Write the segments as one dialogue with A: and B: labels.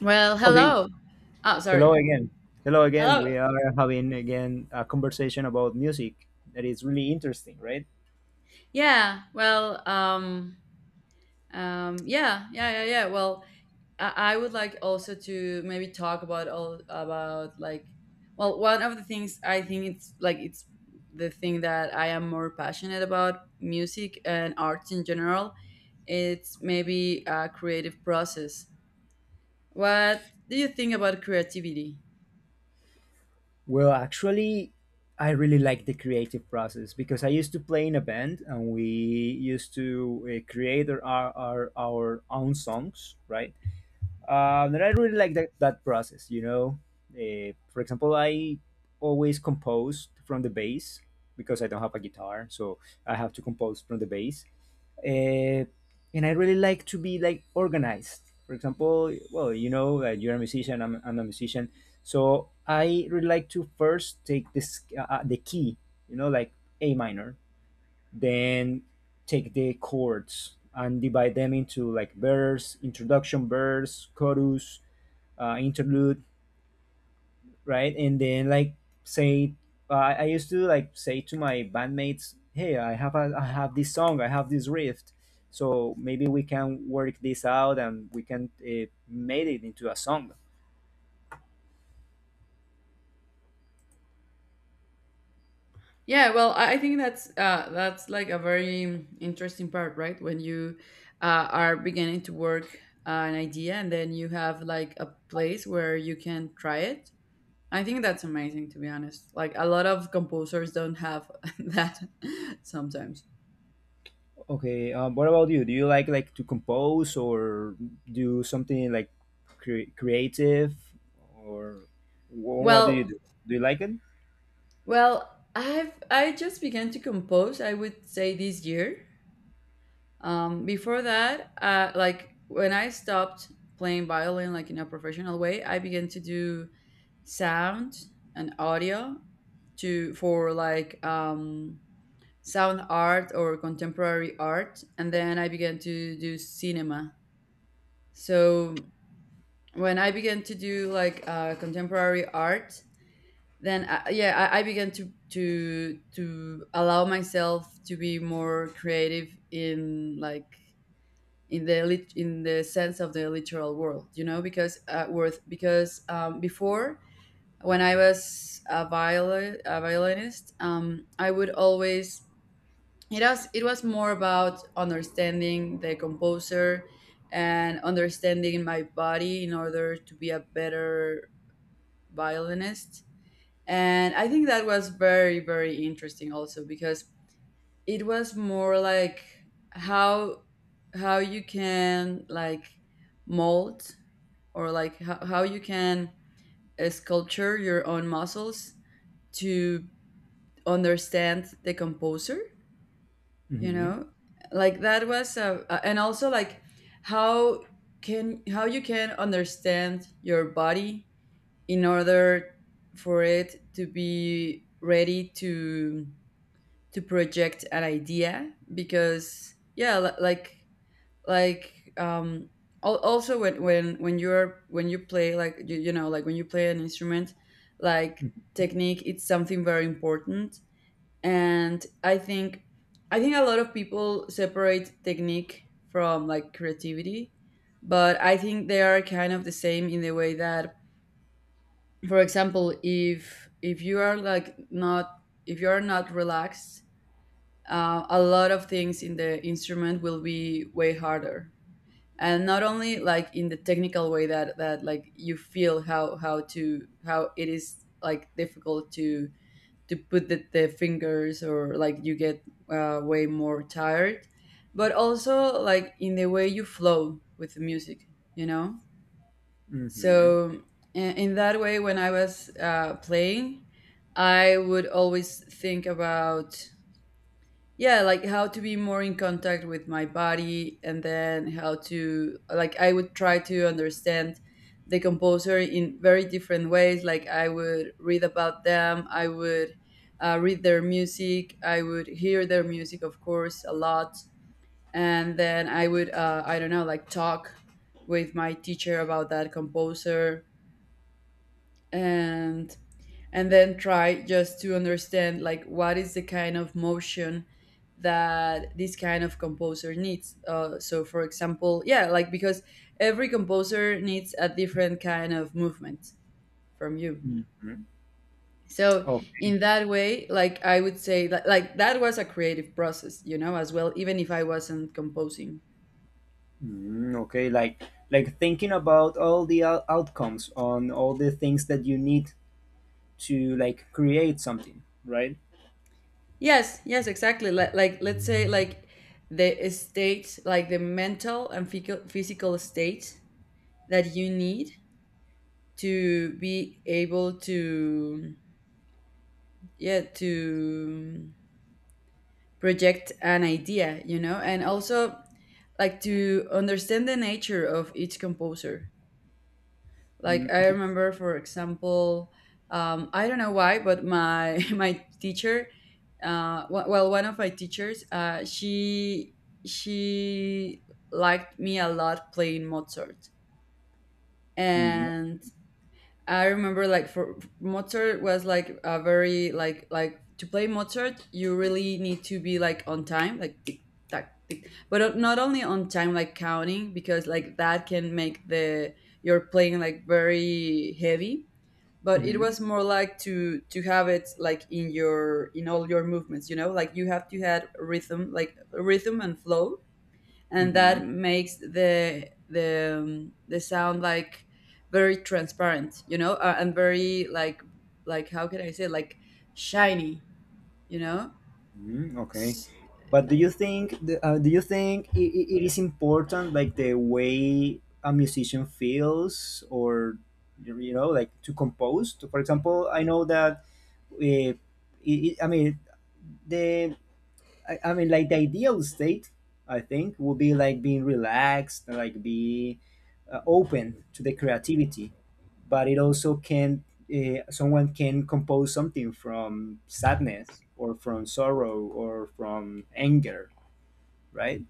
A: Well,
B: Okay,
A: hello. Oh,
B: hello
A: sorry.
B: again. Hello again.
A: Hello.
B: We are having again a conversation about music that is really interesting, right?
A: Yeah. Well, yeah, yeah, yeah, yeah. Well, I would like also to maybe talk about all about like, one of the things I think it's the thing that I am more passionate about music and arts in general. It's maybe a creative process. What do you think about creativity?
B: Well, actually, I really like the creative process because I used to play in a band and we used to create our own songs, right? And I really like that process, you know. For example, I always compose from the bass because I don't have a guitar, so I have to compose from the bass. Uh, and I really like to be like organized. For example, well, you know that you're a musician, I'm a musician, so I really like to first take this the key, you know, like A minor, then take the chords and divide them into like verse, introduction verse, chorus, interlude, right? And then like say, I used to like say to my bandmates, "Hey, I have this song, I have this riff, so maybe we can work this out and we can make it into a song."
A: I think that's like a very interesting part, right? When you are beginning to work an idea and then you have like a place where you can try it. I think that's amazing, to be honest. Like a lot of composers don't have that sometimes.
B: Okay, what about you? Do you like to compose or do something like creative or wh- what do you
A: Well,
B: do? Do you like it?
A: well, I just began to compose. I would say this year. Before that, like when I stopped playing violin like in a professional way, I began to do sound and audio to for like sound art or contemporary art, and then I began to do cinema. So when I began to do like contemporary art, then I began to to allow myself to be more creative in like in the in the sense of the literal world, you know, because worth because before when I was a violinist, I would always it was more about understanding the composer and understanding my body in order to be a better violinist. And I think that was very very interesting also because it was more like how how you can like mold or like how you can sculpture your own muscles to understand the composer, you
B: Mm-hmm.
A: know, like that was and also like how can how you can understand your body in order for it to be ready to project an idea because like like um also when you're when you play like you know like when you play an instrument like technique it's something very important. And I think a lot of people separate technique from like creativity, but I think they are kind of the same in the way that, for example, if you are like not if you are not relaxed, a lot of things in the instrument will be way harder. And not only like in the technical way that like you feel how to how it is like difficult to put the fingers, or like you get way more tired, but also like in the way you flow with the music, you know.
B: Mm-hmm.
A: So in that way when I was playing, I would always think about, yeah, like how to be more in contact with my body, and then how to like I would try to understand the composer in very different ways. Like I would read about them, I would read their music, I would hear their music of course a lot. And then I would I don't know, like talk with my teacher about that composer. and and then try just to understand like what is the kind of motion that this kind of composer needs. So for example, yeah, like because every composer needs a different kind of movement from you.
B: Mm-hmm.
A: So
B: Oh,
A: in that way, like I would say that like that was a creative process, you know, as well, even if I wasn't composing.
B: mm, okay. Like thinking about all the outcomes on all the things that you need to like create something, right?
A: Yes, yes, exactly, like let's say like the state, like the mental and physical state that you need to be able to, yeah, to project an idea, you know. And also like to understand the nature of each composer. Like
B: Mm,
A: I
B: okay.
A: remember for example, I don't know why, but my my teacher, well, one of my teachers, she liked me a lot playing Mozart.
B: Mm-hmm.
A: And I remember like for Mozart was like a very like to play Mozart you really need to be like on time, like tick tack tick, but not only on time like counting, because like that can make the your playing like very heavy. But it was more like to have it like in your in all your movements, you know, like you have to have rhythm, like rhythm and flow. And
B: Mm-hmm.
A: that makes the the sound like very transparent, you know, and very like how can I say, like shiny, you know?
B: Mm, okay,
A: S-
B: but do you think do you think it is important like the way a musician feels or you know like to compose? To, for example, I know that uh, I mean the I mean like the ideal state I think would be like being relaxed, like be open to the creativity but it also can someone can compose something from sadness or from sorrow or from anger, right?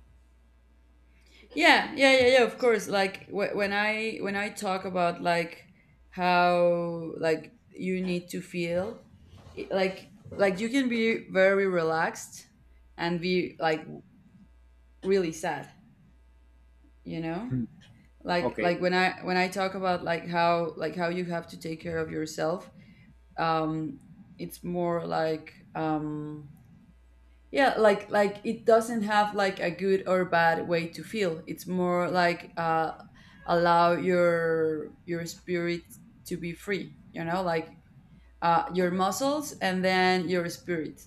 A: yeah, yeah, yeah, yeah. Of course, like when I talk about like how like you need to feel, like you can be very relaxed and be like really sad, you know?
B: Mhm.
A: Like
B: Okay.
A: when I talk about like how you have to take care of yourself, um, it's more like, um, yeah, like it doesn't have like a good or bad way to feel. It's more like, uh, allow your spirit to be free, you know, like your muscles and then your spirit.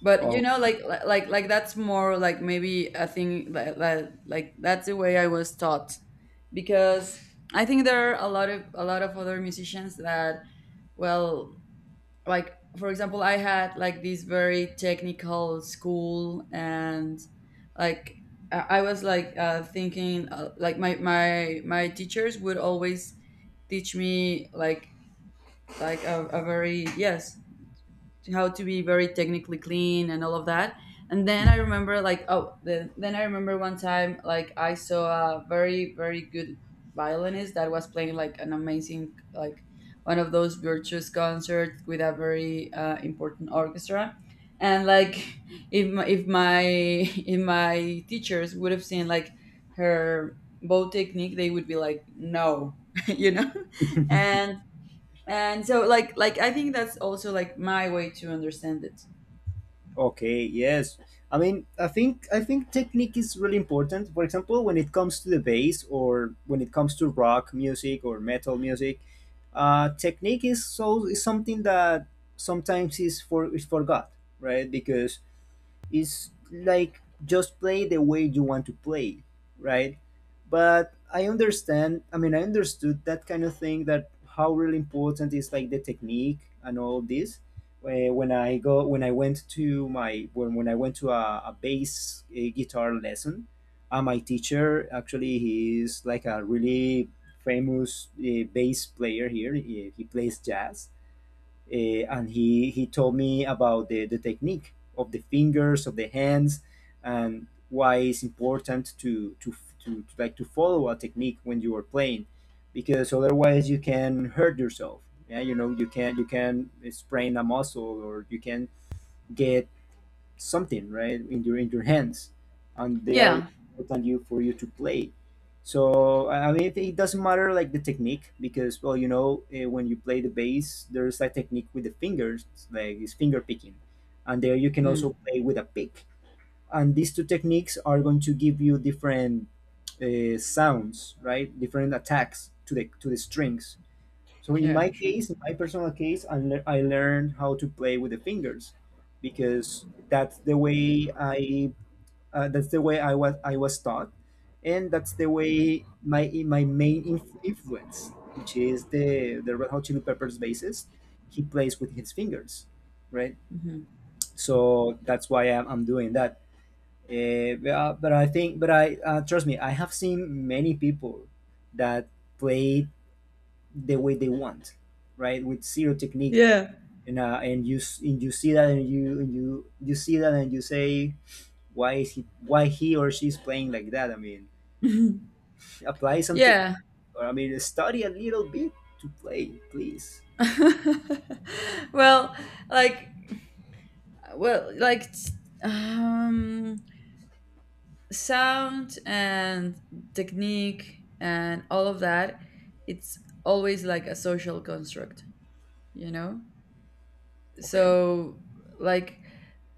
A: But you
B: Oh,
A: know like that's more like maybe a thing like that's the way I was taught. Because I think there are a lot of other musicians that, well, like for example, I had like this very technical school, and like I was like thinking, like my my teachers would always teach me like a very yes how to be very technically clean and all of that. And then I
B: mm,
A: remember like then I remember one time like I saw a very very good violinist that was playing like an amazing like one of those virtuous concerts with a very important orchestra. And like if my if my teachers would have seen like her bow technique, they would be like no, you know and and so like I think that's also like my way to understand it.
B: okay. Yes. I mean, I think technique is really important. For example, when it comes to the bass or when it comes to rock music or metal music, technique is something that sometimes is forgot, right? Because it's like just play the way you want to play, right? But I understand, I mean, I understood that kind of thing that how really important is like the technique and all this. When I went to my, when I went to a bass guitar lesson, my teacher actually he is like a really famous bass player here. He plays jazz, and he told me about the technique of the fingers of the hands and why it's important to like to follow a technique when you are playing because otherwise you can hurt yourself, yeah, you know you can sprain a muscle or you can get something right in your hands, and they are
A: Yeah.
B: important you for you to play. So I mean, it doesn't matter like the technique because well, you know, when you play the bass, there's a technique with the fingers, it's like it's finger picking, and there you can
A: Mm.
B: also play with a pick. And these two techniques are going to give you different sounds, right? Different attacks to the strings. So in my
A: Yeah. Sure.
B: case, in my personal case, I learned how to play with the fingers because that's the way I that's the way I was taught, and that's the way my my main influence, which is the Red Hot Chili Peppers bassist, he plays with his fingers, right?
A: Hmm,
B: So that's why I'm doing that. Eh, but I think, but I trust me, I have seen many people that played the way they want, right? With zero technique,
A: yeah.
B: and you see that, and you see that, and you say, why he or she's playing like that? I mean, apply some technique,
A: Yeah.
B: or I mean, study a little bit to play, please.
A: well, like, well, like, t- um, sound and technique and all of that, it's always like a social construct, you know?
B: Okay.
A: So, like,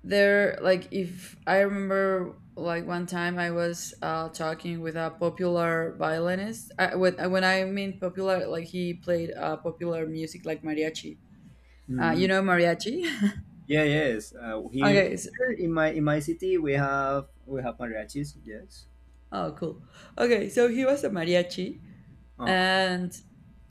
A: there like if I remember like one time I was talking with a popular violinist. When I mean popular, like he played popular music like mariachi.
B: Hmm.
A: You know, mariachi.
B: Yeah, yes. Here,
A: Okay, so,
B: here in my city, we have mariachis. Yes.
A: oh cool, okay, so he was a mariachi.
B: Uh-huh.
A: and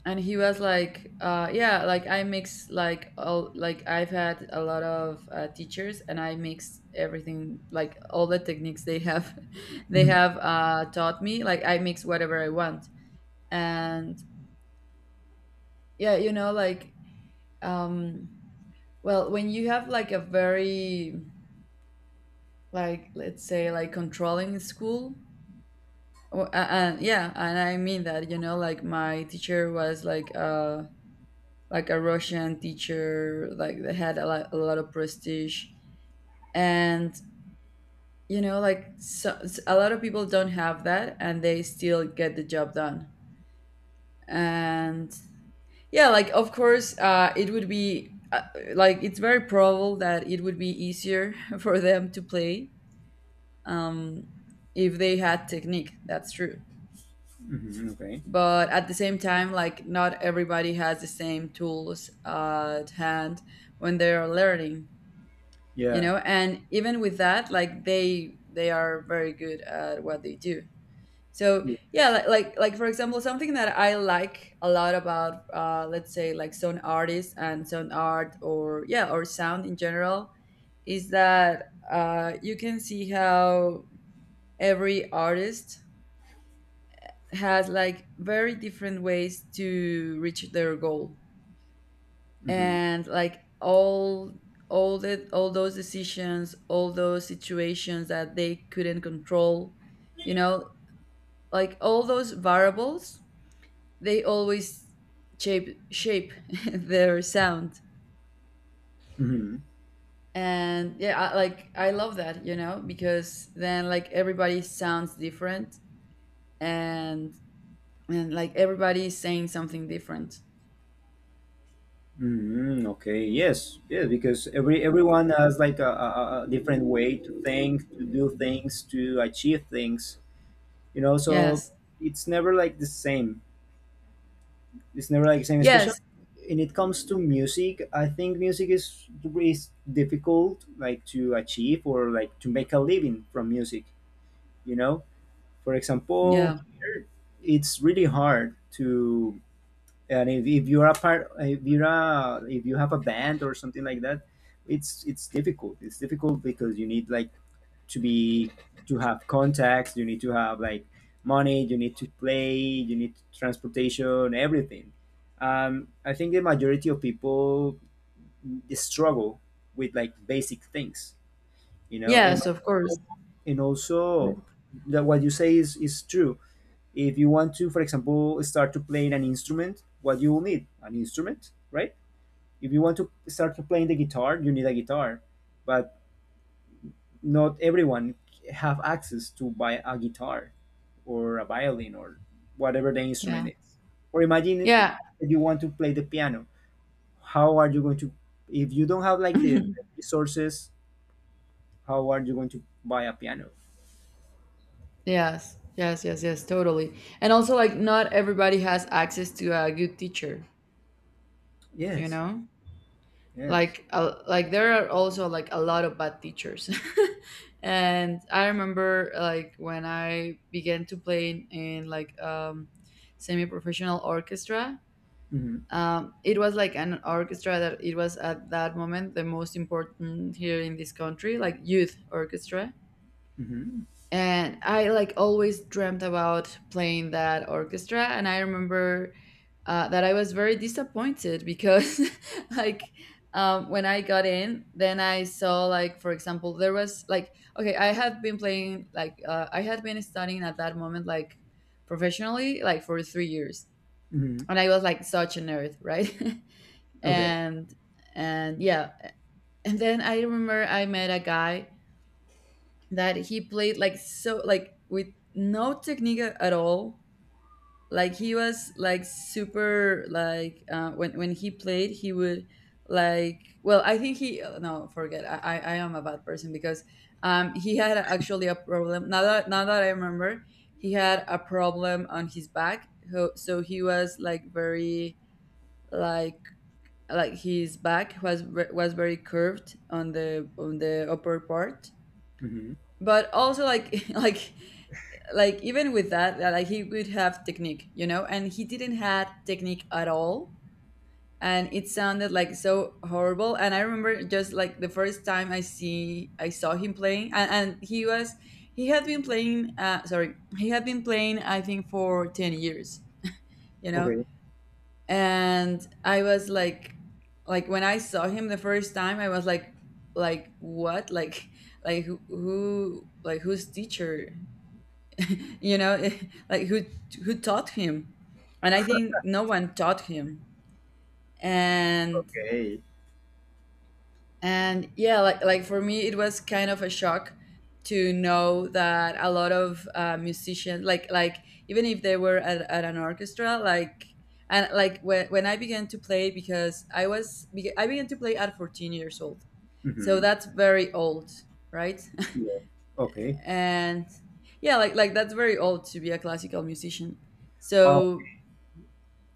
A: and he was like, uh, yeah, like I mix like all like I've had a lot of teachers and I mix everything like all the techniques they have they
B: Hmm.
A: have taught me, like I mix whatever I want. And yeah, you know, like, um, well, when you have like a very like let's say like controlling school and yeah, and I mean that, you know, like my teacher was like a Russian teacher, like that had a lot of prestige. And, you know, like so, a lot of people don't have that and they still get the job done. And yeah, like, of course, it would be like, it's very probable that it would be easier for them to play, um, if they had technique. That's true.
B: Hmm. Okay.
A: But at the same time, like, not everybody has the same tools at hand when they are learning, you
B: Yeah.
A: know. And even with that, like they are very good at what they do. So yeah,
B: Yes.
A: like for example, something that I like a lot about, let's say like sound artists and sound art, or yeah, or sound in general, is that, uh, you can see how every artist has like very different ways to reach their goal.
B: Hmm.
A: And like all the all those decisions, all those situations that they couldn't control, you know, like all those variables, they always shape their sound.
B: Hmm.
A: And yeah, like I love that, you know, because then like everybody sounds different. and and like everybody is saying something different.
B: Mm, okay. Yes. Yeah. Because everyone has like a different way to think, to do things, to achieve things. You know. So
A: Yes.
B: it's never like the same. It's never like the same. Especially
A: Yes.
B: when it comes to music, I think music is difficult like to achieve or like to make a living from music. You know. For example,
A: Yeah.
B: here it's really hard to, and if you're a part if you're a, if you have a band or something like that, it's difficult because you need like to be to have contacts, you need to have like money, you need to play, you need transportation, everything. I think the majority of people struggle with like basic things, you know. and
A: Yes, of course.
B: and also that what you say is true. If you want to for example start to playing an instrument, what you will need an instrument, right? If you want to start to playing the guitar, you need a guitar, but not everyone have access to buy a guitar or a violin or whatever the
A: Yeah.
B: instrument is. Or imagine
A: Yeah.
B: that you want to play the piano, how are you going to, if you don't have like the resources, how are you going to buy a piano?
A: Yes, yes, yes, yes, totally. And also, like, not everybody has access to a good teacher, you
B: Yes,
A: know?
B: yes.
A: Like there are also like a lot of bad teachers. And I remember like when I began to play in like, semi-professional orchestra.
B: Hmm.
A: It was like an orchestra that it was at that moment the most important here in this country, like youth orchestra,
B: Hmm.
A: and I like always dreamt about playing that orchestra. And I remember that I was very disappointed because like when I got in, then I saw like, for example, there was like, okay, I had been playing like I had been studying at that moment like professionally like for 3 years,
B: Hmm,
A: and I was like such a nerd, right?
B: okay.
A: and and yeah. And then I remember I met a guy that he played like so like with no technique at all. Like he was like super like, when he played he would, like, well, I think he, no, forget, I I am a bad person because he had actually a problem, now that now that I remember, he had a problem on his back, so he was like very, like like his back was was very curved on the upper part.
B: Hmm.
A: But also, like like even with that, like he would have technique, you know, and he didn't had technique at all, and it sounded like so horrible. And I remember just like the first time I see I saw him playing, and he was, he had been playing, sorry, he had been playing I think for 10 years, you know.
B: Okay.
A: And I was like when I saw him the first time I was like what, like who like whose teacher, you know? Like who taught him? And I think no one taught him. and
B: Okay.
A: and yeah, like for me it was kind of a shock to know that a lot of musicians like, even if they were at an orchestra, like. And like when I began to play, because I was I began to play at 14 years old, so
B: Mm-hmm.
A: that's very old, right?
B: Yeah. Okay.
A: And yeah, like that's very old to be a classical musician.
B: Uh,
A: So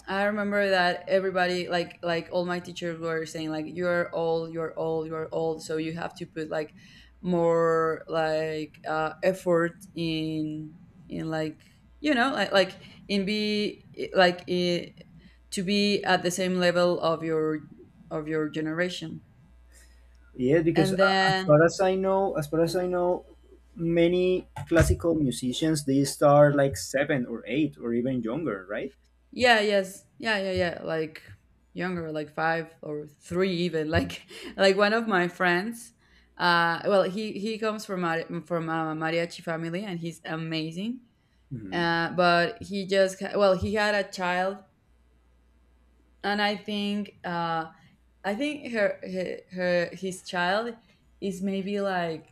A: I remember that everybody, like all my teachers were saying like, you're old, you're old, you're old, so you have to put like more like effort in like, you know, like, in be, like i, to be at the same level of your, of your generation.
B: yeah, because
A: And
B: as
A: then
B: far as I know, many classical musicians they start like seven or eight or even younger, right?
A: yeah, yes. Yeah, yeah, yeah. Like younger, like five or three even. Like like one of my friends, well he comes from from a mariachi family, and he's amazing.
B: Mm-hmm.
A: Uh, but he just well, he had a child, and I think her his child is maybe like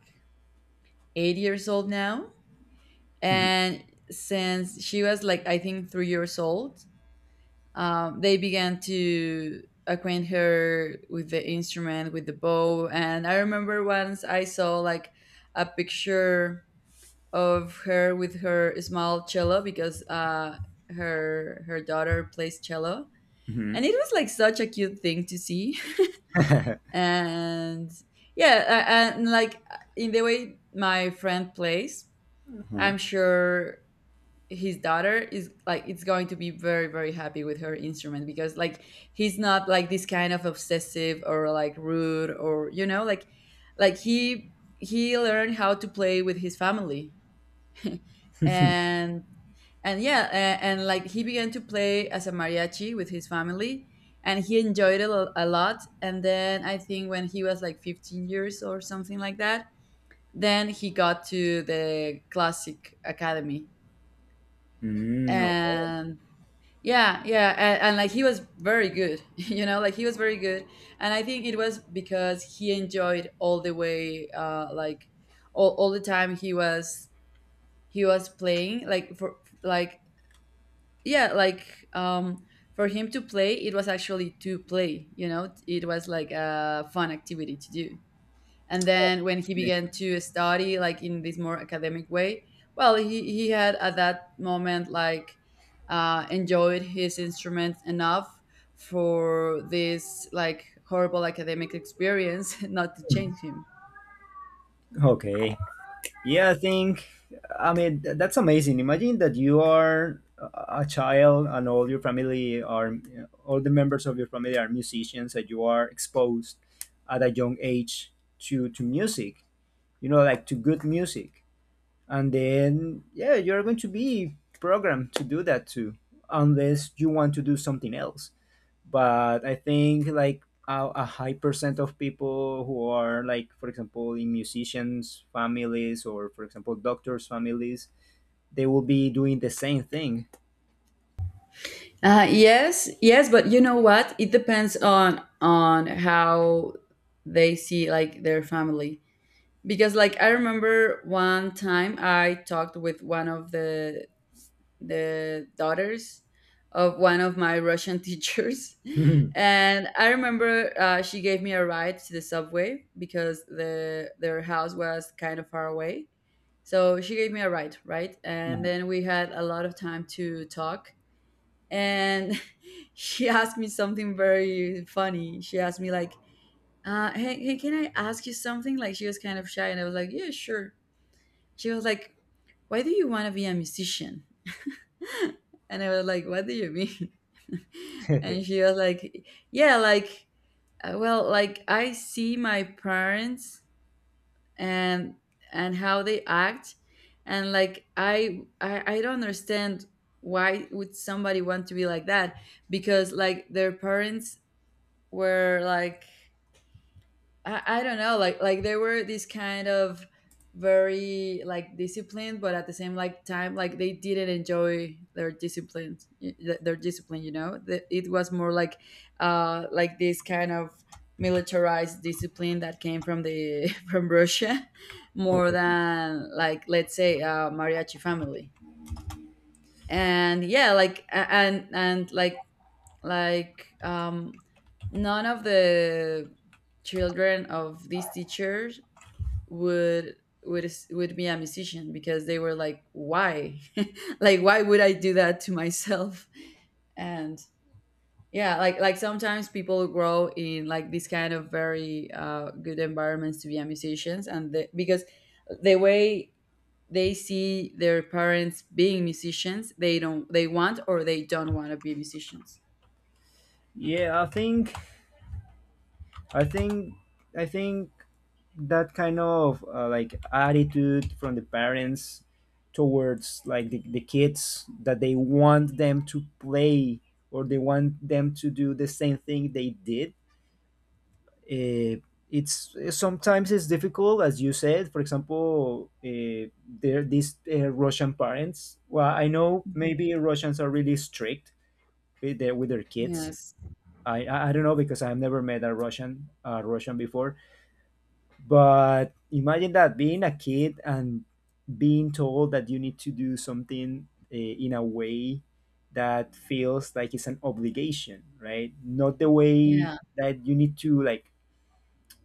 A: 8 years old now.
B: Mm-hmm.
A: And since she was like I think 3 years old, they began to acquaint her with the instrument, with the bow. And I remember once I saw like a picture of her with her small cello, because her daughter plays cello,
B: Mm-hmm.
A: and it was like such a cute thing to see. And yeah, and like in the way my friend plays,
B: Uh-huh.
A: I'm sure his daughter is, like, it's going to be very, very happy with her instrument, because like he's not like this kind of obsessive or like rude or, you know, like he learned how to play with his family. And and like he began to play as a mariachi with his family, and he enjoyed it a lot. And then I think when he was like 15 years or something like that, then he got to the classic academy.
B: Mm.
A: And yeah, yeah, and like he was very good, you know, like he was very good. And I think it was because he enjoyed all the way, like all the time he was, he was playing, like for, like yeah, like um for him to play, it was actually to play, you know, it was like a fun activity to do. And then when he
B: Okay.
A: began to study like in this more academic way, well, he had at that moment like enjoyed his instrument enough for this like horrible academic experience not to change him.
B: Okay. Yeah, I think, I mean, that's amazing. Imagine that you are a child and all your family are, all the members of your family are musicians and you are exposed at a young age to music, you know, like to good music. And then, yeah, you're going to be programmed to do that too, unless you want to do something else, but I think like a high percent of people who are like, for example, in musicians' families or, for example, doctors' families, they will be doing the same thing.
A: Uh, yes, yes, but you know what, it depends on how they see like their family. Because like I remember one time I talked with one of the daughters of one of my Russian teachers. And I remember, she gave me a ride to the subway because the, their house was kind of far away. So she gave me a ride, right? And then we had a lot of time to talk. And she asked me something very funny. She asked me like, hey, can I ask you something? Like she was kind of shy, and I was like, yeah, sure. She was like, why do you want to be a musician? And I was like, what do you mean?
B: Okay.
A: And she was like, yeah, like, well, like I see my parents and and how they act, and like I don't understand why would somebody want to be like that. Because like their parents were like, I don't know, like they were this kind of very like disciplined, but at the same like time like they didn't enjoy their discipline, their discipline, you know. It was more like this kind of militarized discipline that came from the from Russia, more than like, let's say, mariachi family. And yeah, like and like like none of the children of these teachers would would would be a musician, because they were like, why? Like, why would I do that to myself? And yeah, like sometimes people grow in like this kind of very good environments to be a musicians. And the, because the way they see their parents being musicians, they don't, they want or they don't want to be musicians.
B: Yeah, I think I think that kind of like attitude from the parents towards like the kids that they want them to play or they want them to do the same thing they did, uh, it's sometimes it's difficult as you said. For example, there these Russian parents, well, I know
A: Mhm.
B: maybe Russians are really strict with their kids.
A: Yes.
B: I don't know because I've never met a Russian before. But imagine that being a kid and being told that you need to do something in a way that feels like it's an obligation, right? Not the way
A: Yeah,
B: that you need to like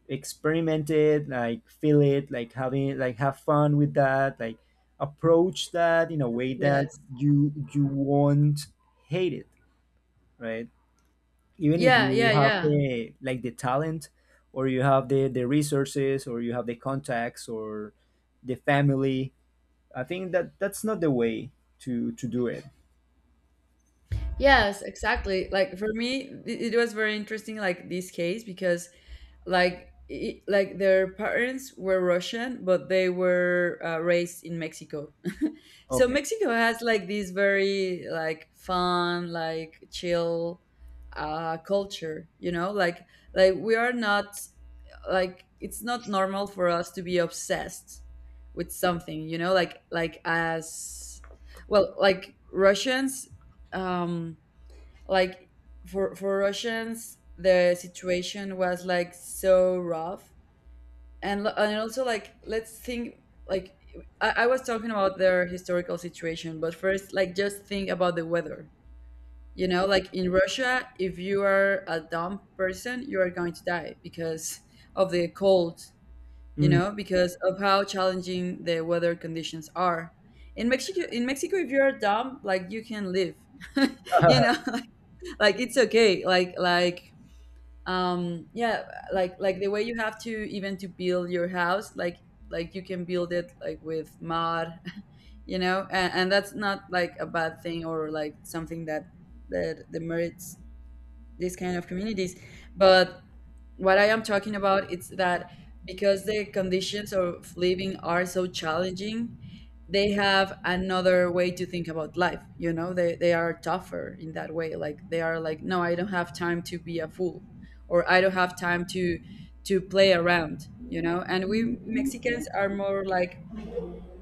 B: experiment it, like feel it, like having like have fun with that, like approach that in a way that
A: yes.
B: you won't hate it, right? Even if
A: Yeah,
B: you
A: yeah,
B: have
A: yeah.
B: the talent or you have the resources or you have the contacts or the family, I think that that's not the way to do it.
A: Yes, exactly. Like for me, it was very interesting, like this case, because like it, like their parents were Russian, but they were raised in Mexico. So
B: Okay.
A: Mexico has like this very like fun, like chill culture. You know, like we are not, like it's not normal for us to be obsessed with something. You know, like as, well, like Russians. Um, like for Russians, the situation was like so rough, and also like let's think, like I was talking about their historical situation, but first like just think about the weather. You know, like in Russia, if you are a dumb person, you are going to die because of the cold. You
B: Mm.
A: know, because of how challenging the weather conditions are in Mexico. In Mexico, if you're dumb, like you can live. You know, like it's okay, like yeah, like the way you have to even to build your house, like you can build it like with mud. You know, and that's not like a bad thing or like something that that demerits this kind of communities. But what I am talking about is that because the conditions of living are so challenging, they have another way to think about life. You know, they are tougher in that way. Like they are like, no, I don't have time to be a fool or I don't have time to play around, you know? And we Mexicans are more like,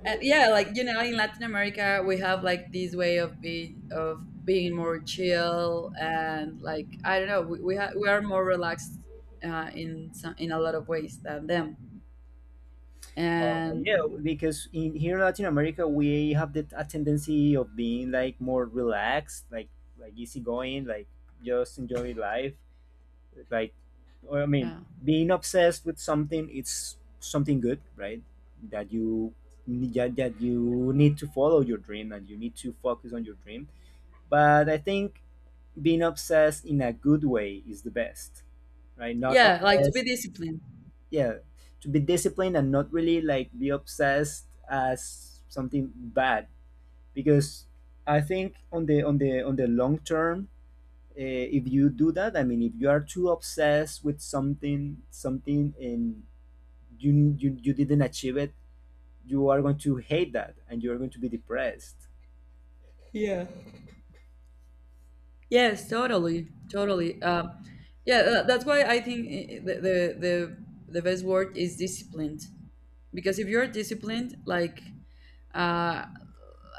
A: and yeah, like, you know, in Latin America, we have like this way of be of being more chill and like, I don't know, we are more relaxed in some, in a lot of ways than them.
B: Yeah,
A: And
B: because in here in Latin America we have a tendency of being like more relaxed, like easygoing, like just enjoy life. Like I mean,
A: yeah,
B: being obsessed with something it's something good, right? That you that you need to follow your dream and you need to focus on your dream. But I think being obsessed in a good way is the best, right? Not
A: yeah, like to be
B: obsessed,
A: disciplined.
B: yeah, to be disciplined and not really like be obsessed as something bad because I think on the on the long term, if you do that, I mean if you are too obsessed with something and you didn't achieve it, you are going to hate that and you are going to be depressed.
A: Yes, totally, totally. Yeah, that's why I think, the, the the best word is disciplined. Because if you're disciplined, like uh,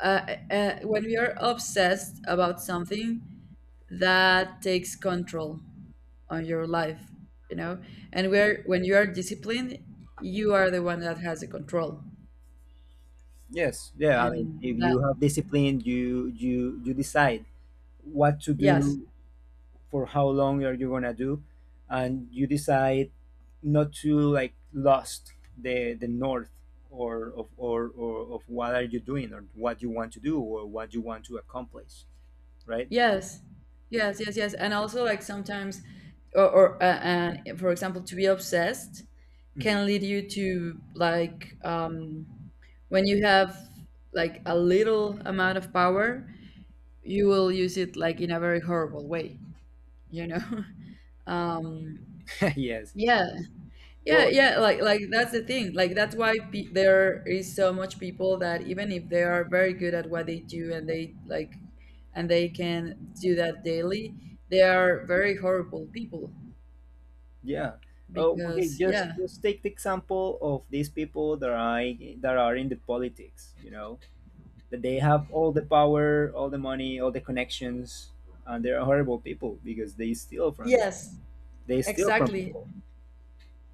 A: uh, when you're obsessed about something, that takes control on your life, you know. And where, when you are disciplined, you are the one that has the control.
B: Yes. Yeah, I mean
A: And
B: if
A: that,
B: you have discipline you you decide what to
A: yes,
B: do, for how long are you gonna do, and you decide not to like lost the north or of what are you doing or what you want to do or what you want to accomplish, right?
A: yes, yes, yes, yes. And also like sometimes, or and for example, to be obsessed can lead
B: Mhm.
A: you to like when you have like a little amount of power, you will use it like in a very horrible way, you know. Um,
B: Yes.
A: yeah. Yeah,
B: Well,
A: yeah, like that's the thing. Like that's why pe, there is so much people that even if they are very good at what they do, and they like, and they can do that daily, they are very horrible people.
B: yeah. Oh, okay.
A: Because yeah.
B: Just take the example of these people that are in the politics. You know that they have all the power, all the money, all the connections, and they're horrible people because they steal from them.
A: Yes,
B: They steal from
A: exactly.
B: people.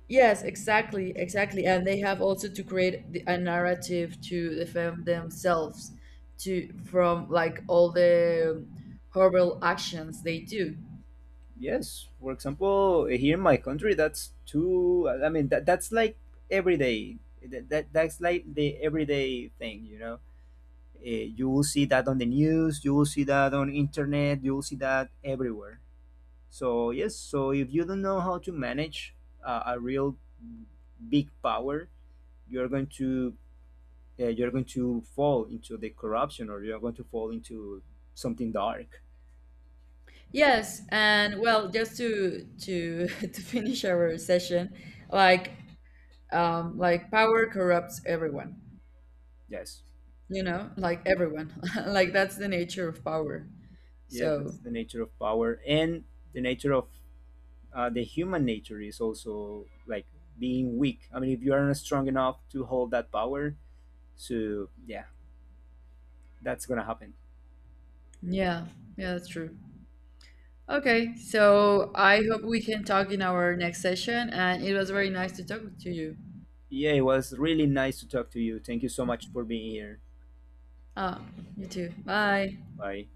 A: Yes, exactly, exactly. And they have also to create the, a narrative to defend themselves, to from like all the horrible actions they do.
B: Yes, for example, here in my country, that's too. I mean, that that's like every day. That's like the everyday thing, you know. You will see that on the news. You will see that on internet. You will see that everywhere. So yes, so if you don't know how to manage a real big power, you're going to you're going to fall into the corruption, or you're going to fall into something dark.
A: Yes, and well, just to to finish our session, like like power corrupts everyone,
B: Yes,
A: you know, like everyone. Like that's the nature of power.
B: yeah, that's
A: So,
B: the nature of power and the nature of the human nature is also like being weak. I mean, if you aren't strong enough to hold that power, so yeah, that's gonna happen.
A: yeah, yeah, that's true. Okay, so I hope we can talk in our next session, and it was very nice to talk to you.
B: Yeah, it was really nice to talk to you. Thank you so much for being here.
A: Ah, you too. Bye.
B: Bye.